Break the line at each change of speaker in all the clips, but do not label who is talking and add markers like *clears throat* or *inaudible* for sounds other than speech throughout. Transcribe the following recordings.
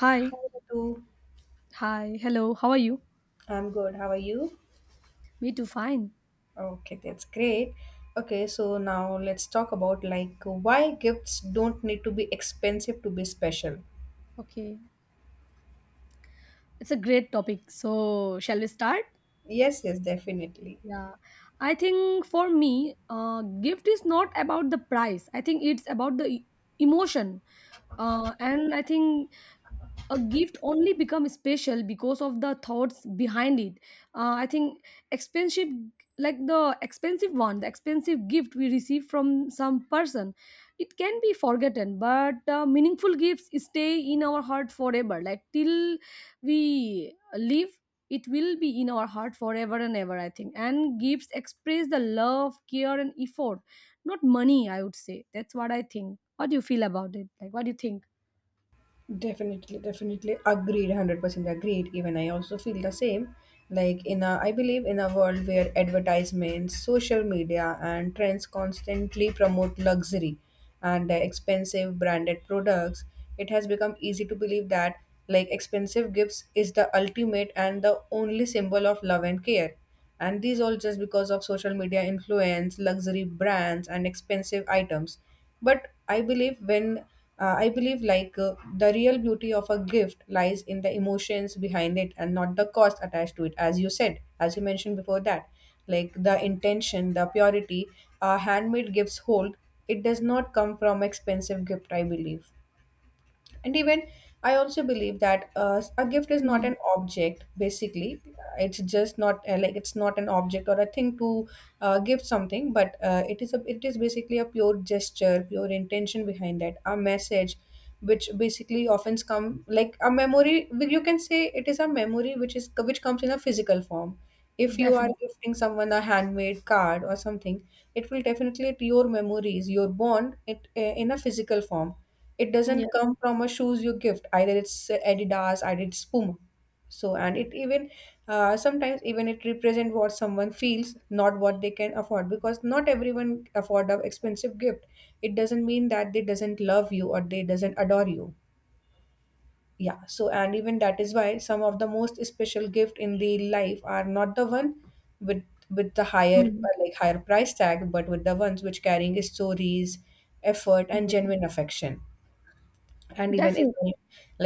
Hi,
Hi, Ritu.
hi, hello, how are you?
I'm good. How are you?
Me too, fine.
Okay, that's great. Okay, so now let's talk about like why gifts don't need to be expensive to be special.
Okay, it's a great topic. So, shall we start?
Yes, yes, definitely.
Yeah, I think for me, gift is not about the price. I think it's about the emotion. And I think a gift only becomes special because of the thoughts behind it. I think expensive, like the expensive one, the expensive gift we receive from some person, it can be forgotten, but meaningful gifts stay in our heart forever, like till we live it will be in our heart forever and ever, I think. And gifts express the love, care and effort, not money, I would say. That's what I think. What do you feel about it? Like, what do you think?
Definitely agreed, 100% agreed. Even I also feel the same. Like, I believe in a world where advertisements, social media, and trends constantly promote luxury and expensive branded products, it has become easy to believe that, like, expensive gifts is the ultimate and the only symbol of love and care. And these all just because of social media influence, luxury brands, and expensive items. But I believe like the real beauty of a gift lies in the emotions behind it and not the cost attached to it, as you said, as you mentioned before that, like the intention, the purity, handmade gifts hold. It does not come from expensive gift, I believe. And even I also believe that a gift is not
Hmm,
an object basically. It's just not like it's not an object or a thing to give something, but it is basically a pure gesture, pure intention behind that, a message which basically often come like a memory. Well, you can say it is a memory which comes in a physical form if you are
definitely.
gifting someone a handmade card or something. It will definitely your memories, your bond it, in a physical form. It
Yeah.
doesn't come from a shoes you gift. Either it's Adidas, either it's Puma. So and it even sometimes even it represent what someone feels, not what they can afford. Because not everyone afford a expensive gift. It doesn't mean that they doesn't love you or they doesn't adore you. Yeah. So and even that is why some of the most special gift in the life are not the one with with the higher,
Mm.
price tag, but with the ones which carrying stories, effort, and
Yes.
genuine affection. And even if
Definitely.
I-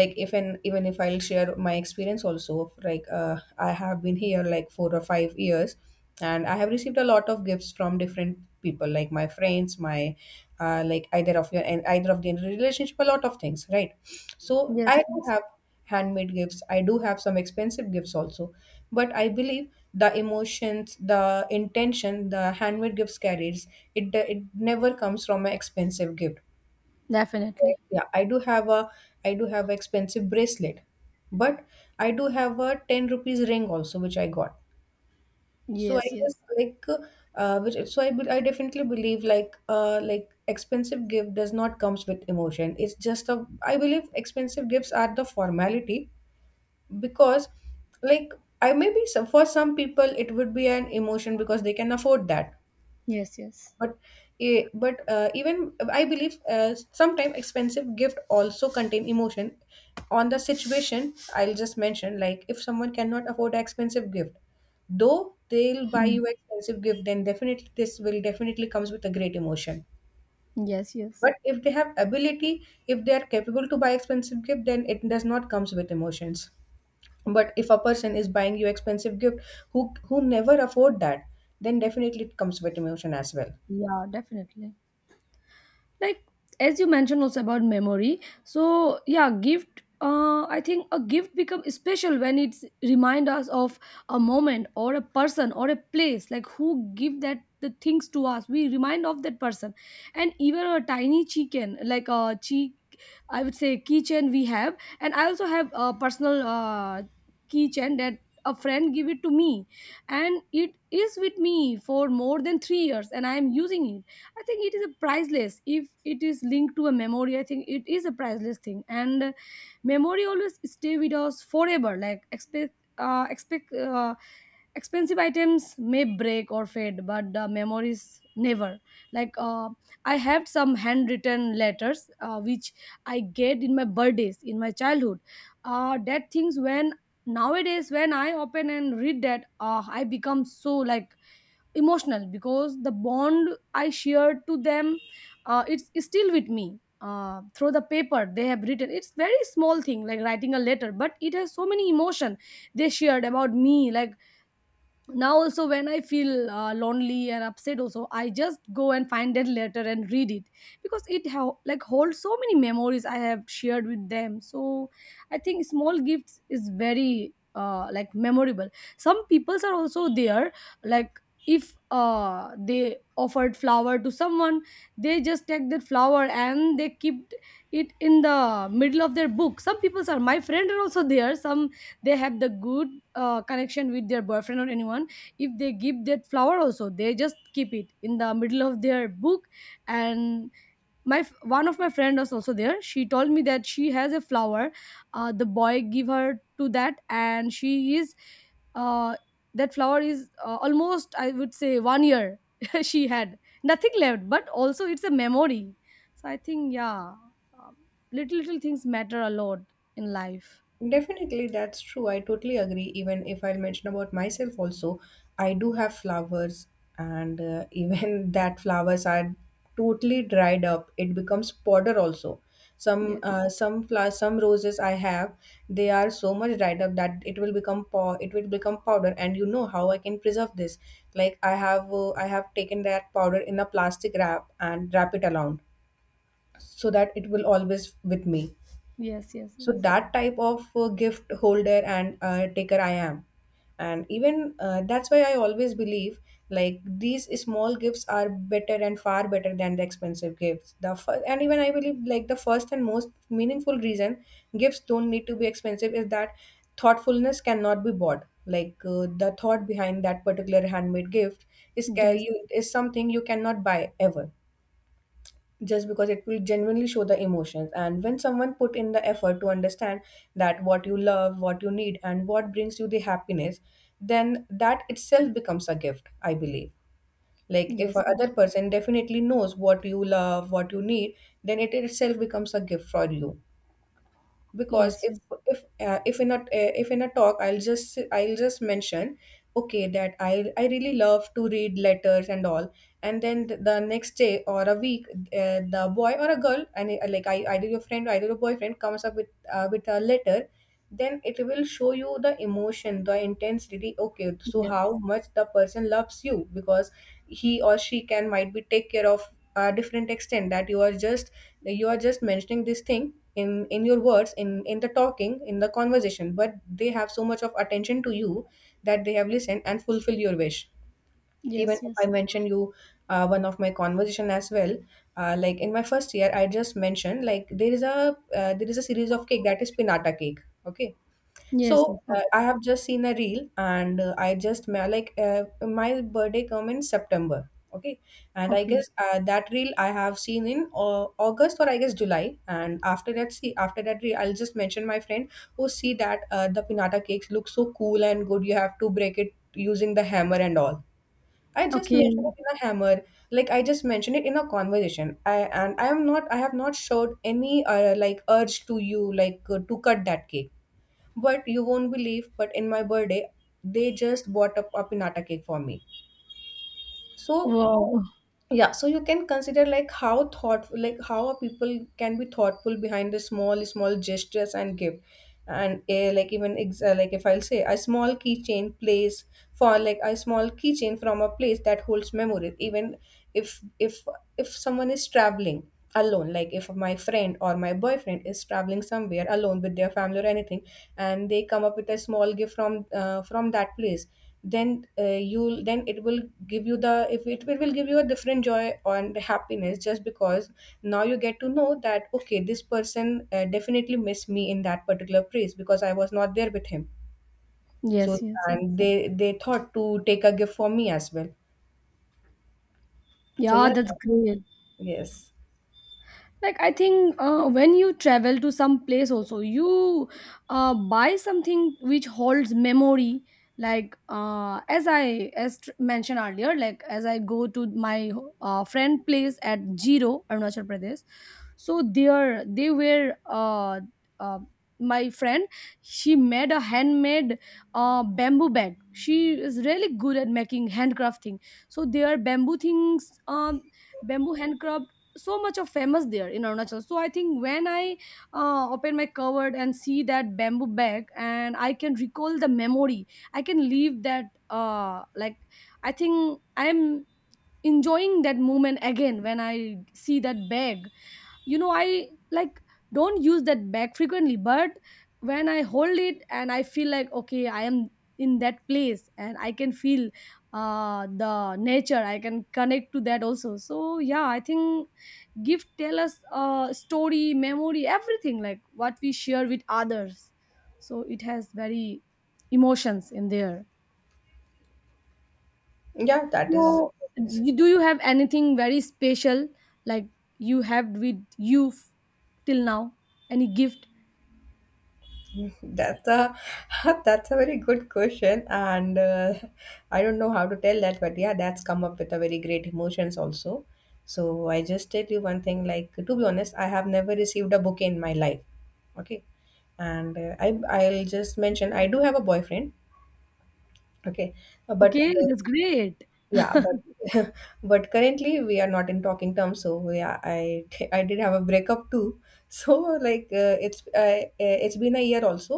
like if and even if I'll share my experience also, like I have been here like 4 or 5 years, and I have received a lot of gifts from different people, like my friends, my like either of your and either of the relationship, a lot of things, right? So
Yes.
I do
Yes.
have handmade gifts, I do have some expensive gifts also, but I believe the emotions, the intention the handmade gifts carries, it never comes from an expensive gift.
Definitely.
Yeah, I do have expensive bracelet, but I do have a 10 rupees ring also, which I got. So I
Yes,
guess
yes.
like which so I be- I definitely believe like expensive gift does not comes with emotion. It's just a i believe expensive gifts are the formality. Because like I maybe some for some people it would be an emotion because they can afford that.
Yes, yes.
But even I believe sometimes expensive gift also contain emotion. On the situation, I'll just mention like if someone cannot afford an expensive gift, though they'll buy
Mm.
you expensive gift, then definitely this will definitely comes with a great emotion.
Yes, yes.
But if they have ability, if they are capable to buy expensive gift, then it does not comes with emotions. But if a person is buying you expensive gift, who never afford that, then definitely it comes with emotion as well.
Yeah, definitely. Like, as you mentioned also about memory, so yeah, gift, I think a gift becomes special when it's remind us of a moment or a person or a place, like who give that the things to us, we remind of that person. And even a tiny chicken, like a cheek, I would say, keychain we have. And I also have a personal keychain that a friend give it to me, and it is with me for more than 3 years, and I am using it. I think it is a priceless if it is linked to a memory. I think it is a priceless thing, and memory always stay with us forever. Like expect expensive items may break or fade, but the memories never. Like I have some handwritten letters which I get in my birthdays in my childhood. That things when nowadays when I open and read that, I become so like emotional because the bond I shared to them, it's still with me through the paper they have written. It's very small thing, like writing a letter, but it has so many emotion they shared about me. Like, now also when I feel lonely and upset also, I just go and find that letter and read it, because it how like holds so many memories I have shared with them. So I think small gifts is very, like, memorable. Some peoples are also there, like, if they offered flower to someone, they just take that flower and they keep it in the middle of their book. Some peoples are my friend are also there, some they have the good connection with their boyfriend or anyone. If they give that flower also, they just keep it in the middle of their book. And one of my friend was also there, she told me that she has a flower, the boy give her to that and she is, uh, that flower is, almost I would say one year *laughs* she had nothing left, but also it's a memory. So I think, yeah, um, little little things matter a lot in life.
Definitely, that's true. I totally agree. Even if I'll mention about myself also, I do have flowers, and *laughs* even that flowers are totally dried up. It becomes powder also. Some
Yes,
uh, some flowers, some roses I have, they are so much dried up that it will become powder. And you know how I can preserve this? Like I have taken that powder in a plastic wrap and wrap it around so that it will always with me.
yes, yes,
So that type of gift holder and taker I am. And even that's why I always believe like these small gifts are better and far better than the expensive gifts. And even I believe like the first and most meaningful reason gifts don't need to be expensive is that thoughtfulness cannot be bought. Like the thought behind that particular handmade gift is ca-
yes,
you is something you cannot buy ever, just because it will genuinely show the emotions. And when someone put in the effort to understand that what you love, what you need, and what brings you the happiness, then that itself becomes a gift, I believe. Like
yes,
if
yes,
a
yes,
other person definitely knows what you love, what you need, then it itself becomes a gift for you. Because
yes, yes,
if in a talk, I'll just mention, okay, that I really love to read letters and all, and then the next day or a week, the boy or a girl, and like I, either your friend or either your boyfriend comes up with with a letter. Then it will show you the emotion, the intensity, okay, so
yes.
how much the person loves you. Because he or she can might be take care of a different extent that you are just mentioning this thing in your words, in the talking, in the conversation, but they have so much of attention to you that they have listened and fulfilled your wish. Even
Yes,
if I
yes.
mention you, one of my conversation as well, like in my first year I just mentioned like there is a, series of cake that is pinata cake, okay.
Yes,
So
yes. Okay.
I have just seen a reel, and I just ma- like my birthday come in September, okay, and I
Okay.
guess that reel I have seen in August, or I guess July, and after that reel, I'll just mention my friend, oh, see that, the pinata cakes look so cool and good. You have to break it using the hammer and all. I just
Okay.
mentioned it in a hammer, like I just mentioned it in a conversation. I and I am not I have not showed any like urge to you, like to cut that cake. But you won't believe, but in my birthday, they just bought a pinata cake for me. So
Wow.
yeah, so you can consider like how thoughtful, like how a people can be thoughtful behind the small small gestures. And give and a like even like if I'll say a small keychain place for like a small keychain from a place that holds memory. Even if someone is traveling alone, like if my friend or my boyfriend is traveling somewhere alone with their family or anything, and they come up with a small gift from that place, then you'll then it will give you the, if it will give you a different joy and happiness, just because now you get to know that, okay, this person definitely missed me in that particular place because I was not there with him. So,
Yes, yes, yes.
and they thought to take a gift for me as well. So
Yeah,
yeah.
that's great.
Yes.
Like, I think, when you travel to some place also, you, buy something which holds memory. Like, as I mentioned earlier, like as I go to my friend place at Jiro, Arunachal Pradesh. So there they were, uh, my friend she made a handmade bamboo bag. She is really good at making handcrafting. So there are bamboo things, bamboo handcraft so much of famous there in Arunachal. So I think when I open my cupboard and see that bamboo bag, and I can recall the memory, I can leave that. Like, I think I am enjoying that moment again when I see that bag. You know, I like don't use that bag frequently, but when I hold it and I feel like okay I am in that place, and I can feel the nature, I can connect to that also. So yeah, I think gift tell us a story, memory, everything, like what we share with others. So it has very emotions in there.
Yeah, that is.
So you, do you have anything very special, like you have with you, till now, any gift?
That's a *laughs* that's a very good question, and I don't know how to tell that, but yeah, that's come up with a very great emotions also. So I just tell you one thing, like to be honest, I have never received a bouquet in my life. Okay, and I'll just mention
Okay.
I do have a boyfriend. Okay, but
Okay, that's great.
yeah,
*laughs*
but *laughs* but currently we are not in talking terms. So yeah, I *laughs* I did have a breakup too. *laughs* So like it's been a year also,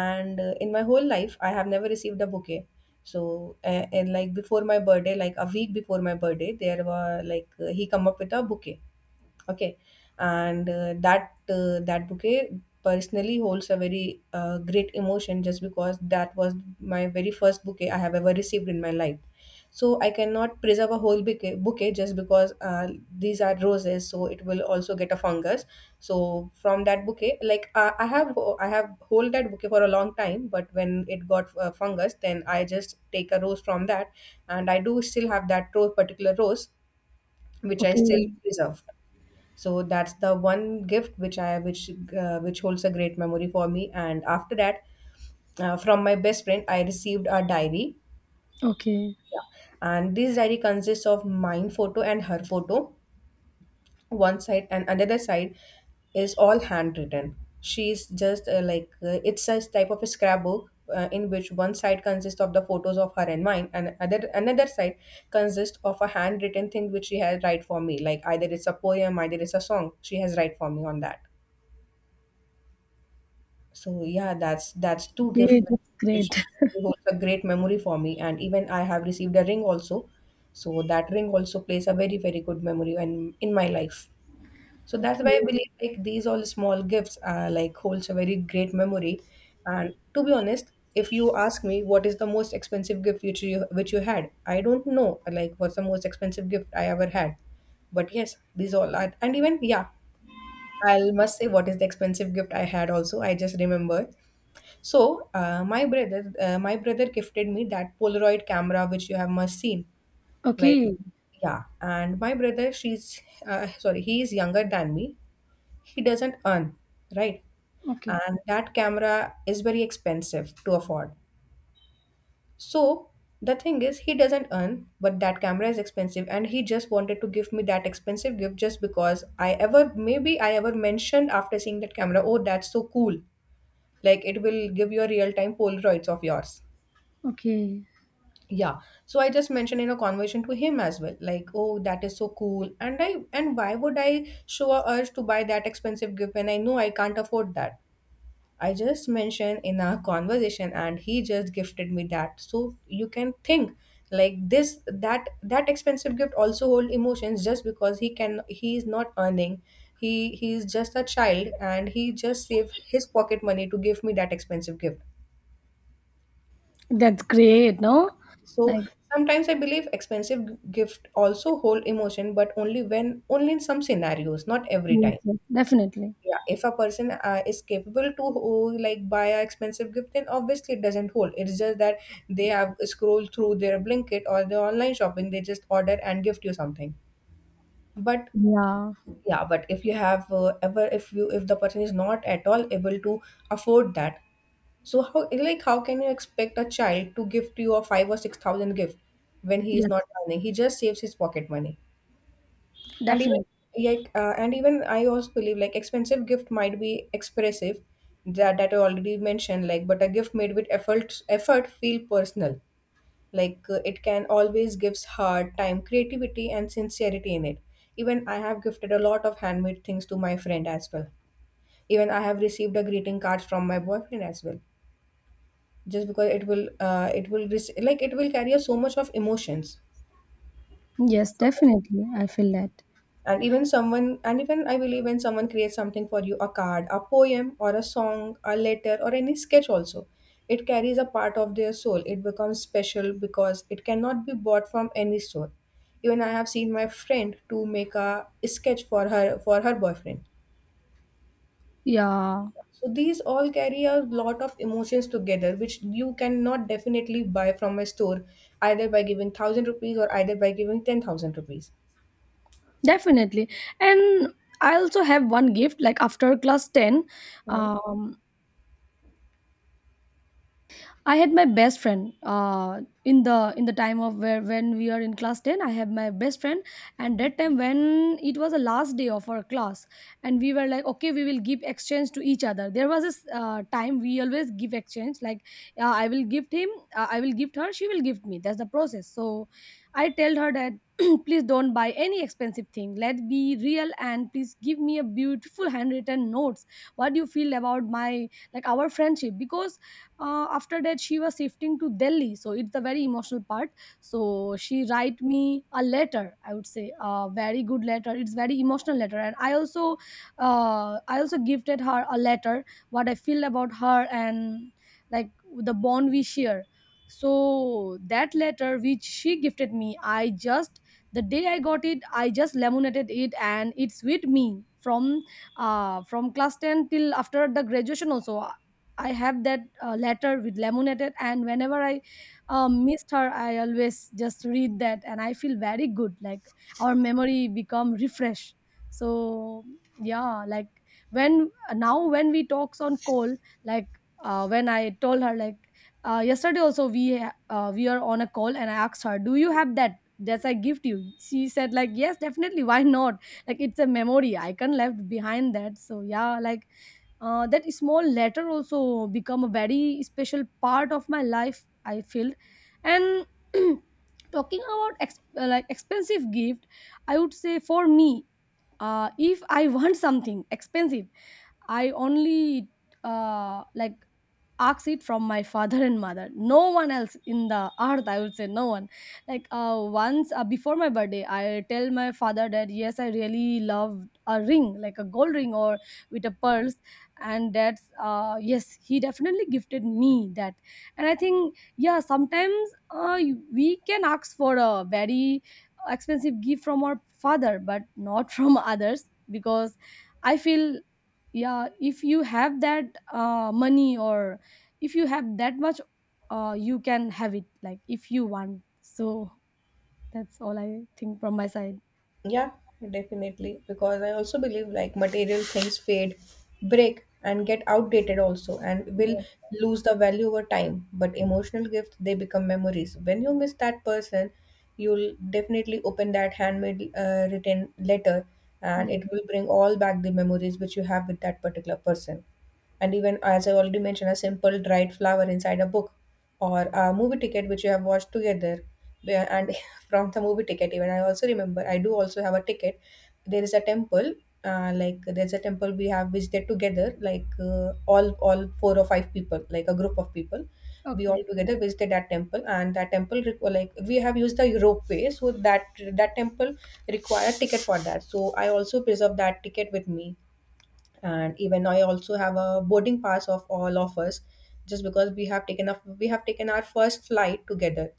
and in my whole life I have never received a bouquet. So and like before my birthday, like a week before my birthday, there were like he come up with a bouquet. Okay, and that bouquet personally holds a very great emotion, just because that was my very first bouquet I have ever received in my life. So I cannot preserve a whole bouquet just because these are roses, so it will also get a fungus. So from that bouquet, like I have hold that bouquet for a long time, but when it got fungus, then I just take a rose from that, and I do still have that rose, particular rose, which I still
Okay.
preserve. So that's the one gift which I which holds a great memory for me. And after that, from my best friend I received a diary.
Okay.
Yeah. And this diary consists of mine photo and her photo, one side and another side is all handwritten. She's just like, it's a type of a scrapbook, in which one side consists of the photos of her and mine and other another side consists of a handwritten thing which she has write for me, like either it's a poem, either it's a song she has write for me on that. So yeah, that's two
Okay,
gift
that's
which
great.
holds a great memory for me. And even I have received a ring also. So that ring also plays a very, very good memory in my life. So that's
Okay.
why I believe like these all small gifts, like, holds a very great memory. And to be honest, if you ask me what is the most expensive gift which you had, I don't know like what's the most expensive gift I ever had. But yes, these all are, and even yeah, I must say what is the expensive gift I had also. I just remember. So my brother gifted me that Polaroid camera which you have must seen. Like
Okay.
yeah, and my brother, she's, sorry, he is younger than me. He doesn't earn, right?
Okay.
And that camera is very expensive to afford. So the thing is, he doesn't earn, but that camera is expensive, and he just wanted to give me that expensive gift just because I ever maybe I ever mentioned, after seeing that camera, oh, that's so cool. Like it will give you a real time Polaroids of yours.
Okay.
Yeah. So I just mentioned in a conversation to him as well, like, oh, that is so cool. And why would I show a urge to buy that expensive gift when I know I can't afford that? I just mentioned in our conversation, and he just gifted me that. So you can think like this that expensive gift also hold emotions just because he is not earning. He is just a child, and he just save his pocket money to give me that expensive gift.
That's great, no?
So
Like,
sometimes I believe expensive gift also hold emotion, but only when, only in some scenarios, not every
yes,
time.
yes, definitely.
Yeah, if a person is capable to, oh, like buy a expensive gift, then obviously it doesn't hold. It's just that they have scrolled through their Blinkit or the online shopping. They just order and gift you something. But
Yeah.
yeah, but if you have ever if you if the person is not at all able to afford that, so how, like how can you expect a child to gift you a five or six thousand gift when he is
Yes,
not
yes.
earning? He just saves his pocket money. And even,
Definitely.
like, and even I also believe like expensive gift might be expressive, that I already mentioned, like, but a gift made with effort feel personal. Like it can always gives heart, time, creativity, and sincerity in it. Even I have gifted a lot of handmade things to my friend as well. Even I have received a greeting card from my boyfriend as well just because it will, it will like it will carry so much of emotions
Yes,
so much.
definitely. I feel that.
And even I believe when someone creates something for you, a card, a poem or a song, a letter, or any sketch also, it carries a part of their soul. It becomes special because it cannot be bought from any store. Even I have seen my friend to make a sketch for her boyfriend.
Yeah,
So these all carry a lot of emotions together, which you cannot definitely buy from a store either by giving 1,000 rupees or either by giving 10,000 rupees.
definitely. And I also have one gift. Like, after class 10,
Hmm.
um, I had my best friend in the time of where when we are in class 10. I had my best friend, and that time when it was the last day of our class, and we were like, okay, we will give exchange to each other. There was this time we always give exchange, like, I will gift him, I will gift her, she will gift me. That's the process. So I tell her that, *clears throat* please don't buy any expensive thing. Let be real, and please give me a beautiful handwritten notes. What do you feel about my, like, our friendship? Because after that she was shifting to Delhi, so it's the very emotional part. So she write me a letter, I would say a very good letter, it's very emotional letter, and I also, I also gifted her a letter, what I feel about her, and, like, the bond we share. So that letter which she gifted me, I just, the day I got it I just laminated it, and it's with me from, from class 10 till after the graduation also. I have that letter with laminated, and whenever I missed her, I always just read that, and I feel very good. Like, our memory become refreshed. So yeah, like, when, now when we talks on call, like, when I told her like yesterday also we are on a call, and I asked her, "Do you have that?" That's I gift you. She said like, yes, definitely. Why not? Like, it's a memory icon left behind that. So yeah, like, that small letter also become a very special part of my life, I feel. And *clears throat* talking about like expensive gift, I would say for me, if I *laughs* want something expensive, I only, like, asked it from my father and mother, no one else in the earth, I would say, no one. Like, once, before my birthday, I tell my father that yes I really love a ring like a gold ring or with a pearls, and that's, yes he definitely gifted me that. And I think, yeah, sometimes, we can ask for a very expensive gift from our father, but not *laughs* from others. Because I feel, yeah, if you have that money, or if you have that much you can have it, like, if you want. So that's all I think from my side.
Yeah, definitely. Because I also believe like material things fade, break, and get outdated also, and will
Yes.
lose the value over time. But emotional gifts, they become memories. When you miss that person, you'll definitely open that handmade written letter, and
Yeah.
it will bring all back the memories which you have with that particular person. And even, as I already mentioned, a simple dried flower inside a book, or a movie ticket which you have watched together. And *laughs* from the movie ticket, even I also remember, I do also have a ticket. There is a temple, like there's a temple we have visited together, like all four or five people, like a group of people. We all
Okay.
together visited that temple, and that temple like we have used the ropeway, so that temple require ticket for that, so I also preserve that ticket with me. And even I also have a boarding pass of all of us just because we have taken our first flight together.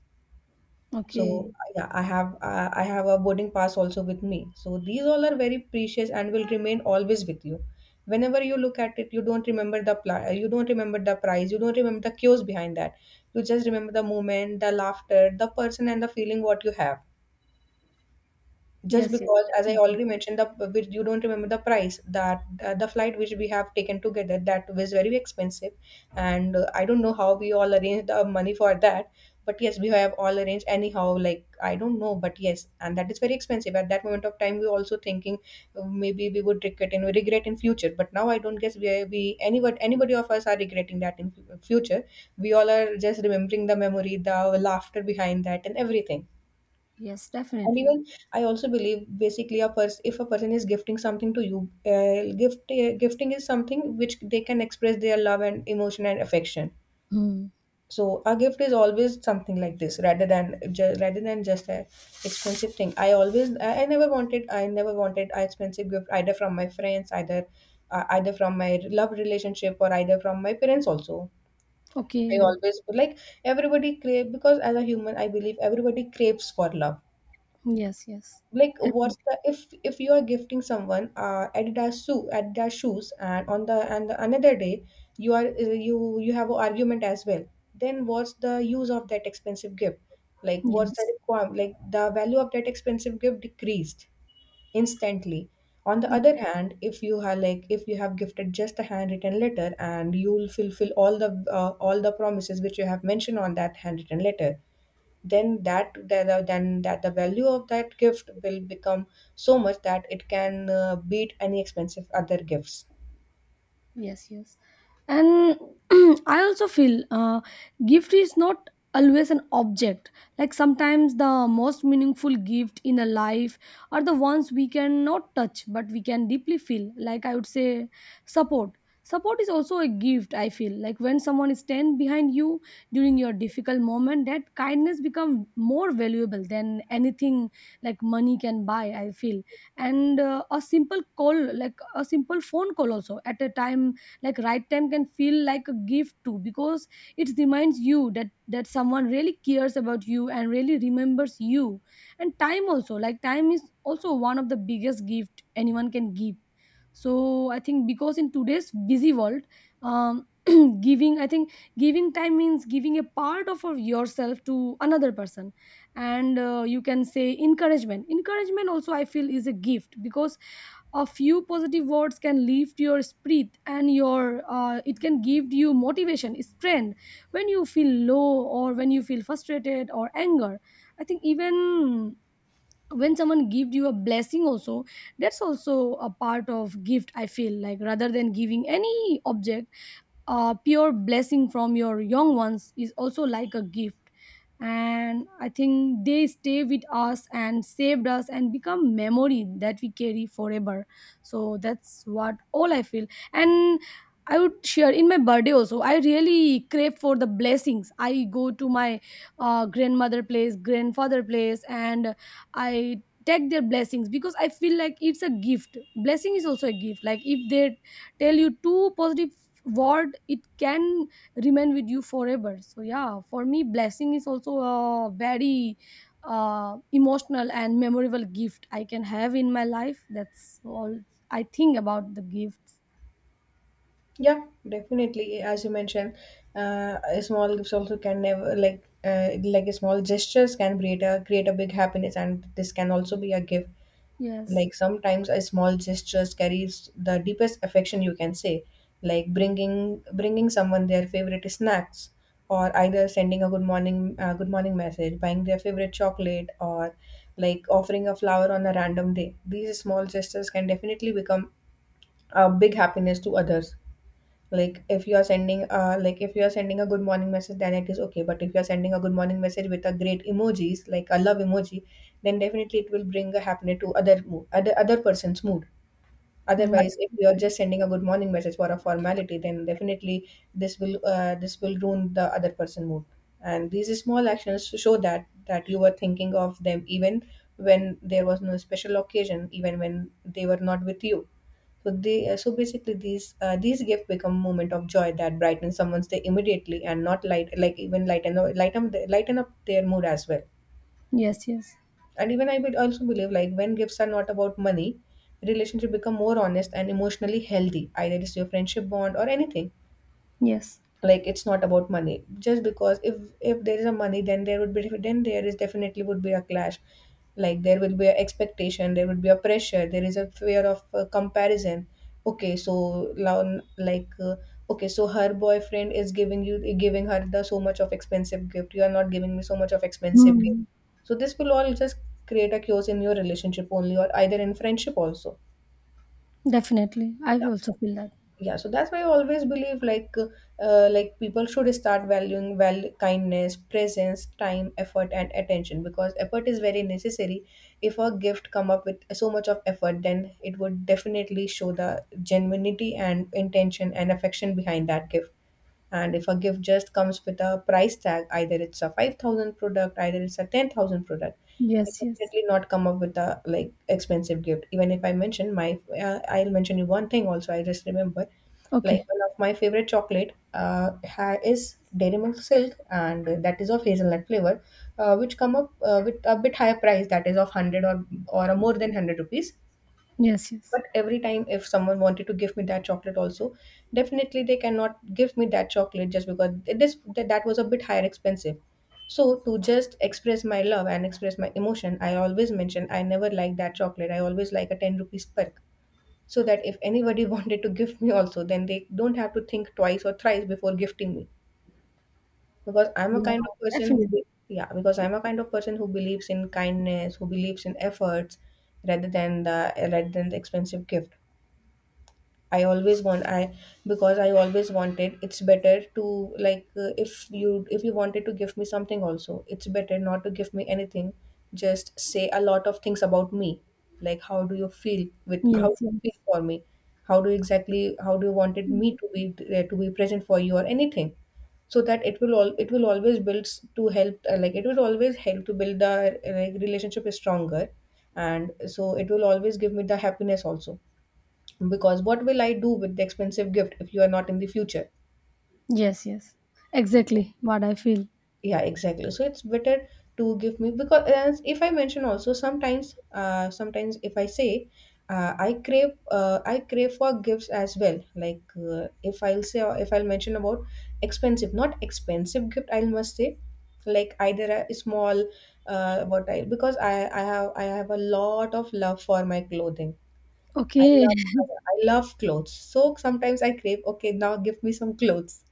So
Okay.
yeah, I have, I have a boarding pass also with me. So these all are very precious and will remain always with you. Whenever you look at it, you don't remember the you don't remember the price, you don't remember the cues behind that, you just remember the moment, the laughter, the person, and the feeling what you have, just
Yes, yes.
because, as I
Definitely.
already mentioned, the which you don't remember the price, that, the flight which we have taken together, that was very expensive. And I don't know how we all arranged the money for that, but yes, we have all arranged anyhow, like I don't know, but yes. And that is very expensive. At that moment of time, we were also thinking, maybe we would regret in future. But now I don't guess we, are, we anybody of us are regretting that in future. We all are just remembering the memory, the laughter behind that, and everything.
Yes,
And
definitely.
even I also believe, basically a person, if a person is gifting something to you, gifting is something which they can express their love and emotion and affection.
Hmm.
So a gift is always something like this, rather than rather than just a expensive thing. I always I never wanted an expensive gift, either from my friends, either either from my love relationship, or either from my parents also. I
Okay.
always, like, everybody crave, because as a human I believe everybody craves for love.
Yes, yes.
Like,
Definitely.
what's the, if you are gifting someone adidas shoes, and on the another day you are, you have an argument as well, then what's the use of that expensive gift? Like, what's the
Yes,
requirement, like the value of that expensive gift decreased instantly. On the other hand, if you have, like, if you have gifted just a handwritten letter, and you'll fulfill all the, all the promises which you have mentioned on that handwritten letter, then then that the value of that gift will become so much that it can, beat any expensive other gifts.
yes, yes. And *clears throat* I also feel, gift is not always an object. Like, sometimes the most meaningful gift in a life are the ones we cannot touch but we can deeply feel, like, I would say, support. Support is also a gift, I feel, like when someone stands behind you during your difficult moment, that kindness become more valuable than anything, like, money can buy, I feel. And, a simple call, like a simple phone call also, at a time, like right time, can feel like a gift too, because it reminds you that that someone really cares about you and really remembers you. And time also, like, time is also one of the biggest gift anyone can give. So I think, because in today's busy world, um *clears throat* giving, I think, giving time means giving a part of yourself to another person. And, you can say encouragement, encouragement also I feel is a gift, because a few positive words can lift your spirit and your, it can give you motivation, strength, when you feel low or when you feel frustrated or anger. I think even when someone gives you a blessing also, that's also a part of gift I feel, like rather than giving any object, a pure blessing from your young ones is also like a gift. And I think they stay with us and saved us and become memory that we carry forever. So that's what all I feel. And I would share, in my birthday also I really crave for the blessings, I go to my grandmother place grandfather place, and I take their blessings because I feel like it's a gift. Blessing is also a gift, like if they tell you two positive Word, it can remain with you forever. So yeah, for me blessing is also a very emotional and memorable gift I can have in my life. That's all I think about the gifts.
Yeah, definitely, as you mentioned, a small gifts also can never, like, like a small gestures can create a big happiness, and this can also be a gift.
Yes.
Like sometimes a small gestures carries the deepest affection, you can say, like bringing someone their favorite snacks, or either sending a good morning, good morning message, buying their favorite chocolate, or like offering a flower on a random day. These small gestures can definitely become a big happiness to others. Like, if you are sending, like if you are sending a good morning message, then it is okay. But if you are sending a good morning message with a great emojis, like a love emoji, then definitely it will bring a happiness to other mood, other person's mood.
Mm.
Otherwise, if you are just sending a good morning message for a formality, then definitely this will, this will ruin the other person mood. And these small actions show that you were thinking of them even when there was no special occasion, even when they were not with you. So they, so basically these, these gifts become moment of joy that brightens someone's day immediately, and not light, like even lighten up their mood as well.
Yes, yes,
And even I would also believe like when gifts are not about money, relationship become more honest and emotionally healthy, either it's your friendship bond or anything
yes.
like it's not about money just because if there is a money, then there is definitely would be a clash. Like there will be a expectation, there would be a pressure, there is a fear of comparison. Okay, so now, okay, so her boyfriend is giving her the so much of expensive gift, you are not giving me so much of expensive gift,
Mm,
so this will all just create a chaos in your relationship only or either in friendship also.
definitely. I
Yeah,
also feel that.
yeah, so that's why I always believe like people should start valuing, well, kindness, presence, time, effort and attention, because effort is very necessary. If a gift come up with so much of effort, then it would definitely show the genuinity and intention and affection behind that gift. And if a gift just comes with a price tag, either it's a 5,000 product either it's a 10,000 product, I
Yes, yes.
definitely not come up with a like expensive gift. Even if I mention I'll mention you one thing also. I just remember, like,
Okay.
one of my favorite chocolate is Dairy Milk Silk, and that is of hazelnut flavor, which come up with a bit higher price. That is of hundred or more than 100 rupees.
Yes, yes.
But every time if someone wanted to give me that chocolate also, definitely they cannot give me that chocolate just because that was a bit higher expensive. So to just express my love and express my emotion, I always mention I never like that chocolate, I always like a 10 rupees perk, so that if anybody *laughs* wanted to give me also, then they don't have to think twice or thrice before gifting me, because I'm a
Yeah,
kind of person who
definitely.
be- yeah, because I'm a kind of person who believes in kindness, who believes in efforts rather than the expensive gift. I always want I Because I always wanted, it's better to, if you wanted to give me something also, it's better not to give me anything, just say a lot of things about me, like how
Yes,
do
yes,
you feel for me, how do you wanted me to be, to be present for you or anything, so that it will always to help, like, it will always help to build the, like, relationship is stronger, and so it will always give me the happiness also, because what will I do with the expensive gift if you are not in the future?
yes, yes. Exactly what I feel.
Yeah, exactly. So it's better to give me, because as if I mention also sometimes if I say, I crave for gifts as well. Like, if I'll say, or if I'll mention about expensive, not expensive gift, I must say, like, either a small, what I because I have a lot of love for my clothing. I
Okay.
love summer. I love clothes. So sometimes I crave, okay, now give me some clothes.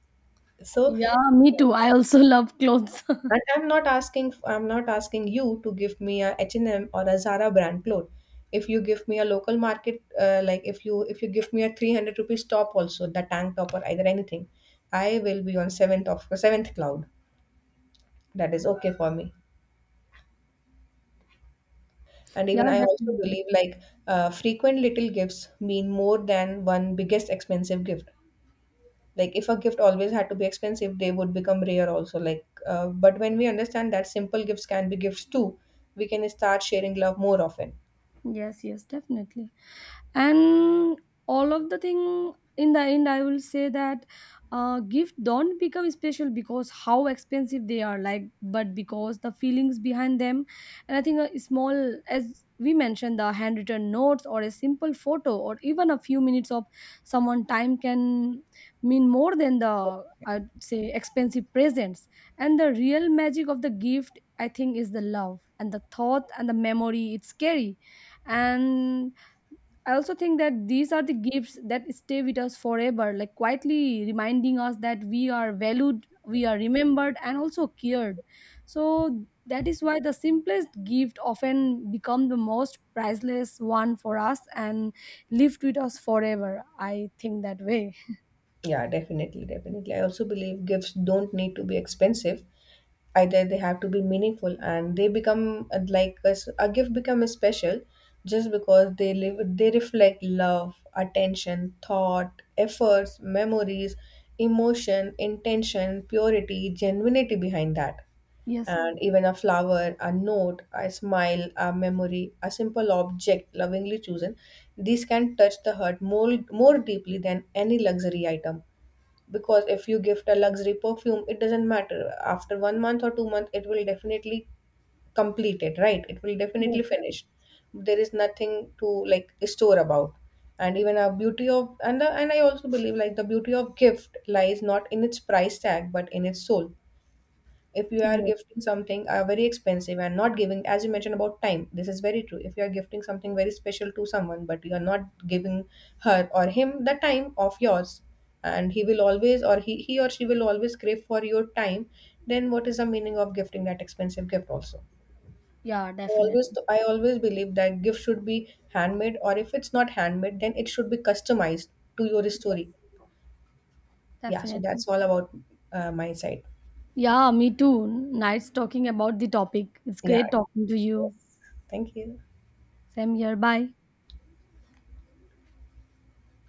So,
Yeah, me too. I also love clothes.
and
*laughs*
I'm not asking you to give me a H&M or a Zara brand cloth. If you give me a local market, like, if you give me a 300 rupees top also, the tank top or either anything, I will be on seventh of seventh cloud. That is okay for me. And
Yeah,
even I also
definitely.
believe like, frequent little gifts mean more than one biggest expensive gift. Like, if a gift always had to be expensive, they would become rare also, like, but when we understand that simple gifts can be gifts too, we can start sharing love more often.
Yes, yes, definitely. And, all of the thing in the end I will say that gift don't become special because how expensive they are, like, but because the feelings behind them. And I think a small, as we mentioned, the handwritten notes or a simple photo or even a few minutes of someone time, can mean more than the, I'd say, expensive presents. And the real magic of the gift, I think, is the love and the thought and the memory it's scary. And I also think that these are the gifts that stay with us forever, like quietly reminding us that we are valued, we are remembered, and also cared. So that is why the simplest gift often become the most priceless one for us and lived with us forever. I think that way.
Yeah, definitely, I also believe gifts don't need to be expensive, either they have to be meaningful, and they become, like, a gift becomes special just because they live, they reflect love, attention, thought, efforts, memories, emotion, intention, purity, genuinity behind that.
Yes, yes,
And even a flower, a note, a smile, a memory, a simple object lovingly chosen, these can touch the heart more, more deeply than any luxury item. Because if you gift a luxury perfume, it doesn't matter. After 1 month or 2 months, it will definitely complete it, right? It will
yes,
definitely
yes.
finish. There is nothing to like store about. And even a beauty of and the, and I also believe, like, the beauty of gift lies not in its price tag but in its soul. If you are
Yes.
gifting something very expensive and not giving, as you mentioned about time, this is very true. If you are gifting something very special to someone but you are not giving her or him the time of yours, and he or she will always crave for your time, then what is the meaning of gifting that expensive gift also?
Yeah,
Always,
definitely.
I always believe that gift should be handmade, or if it's not handmade, then it should be customized to your
Yeah,
story. Yeah, so
definitely.
that's all about my side.
Yeah, me too. Nice talking about the topic. It's
Yeah.
great talking to
Yes.
you.
Thank you.
Same here. Bye.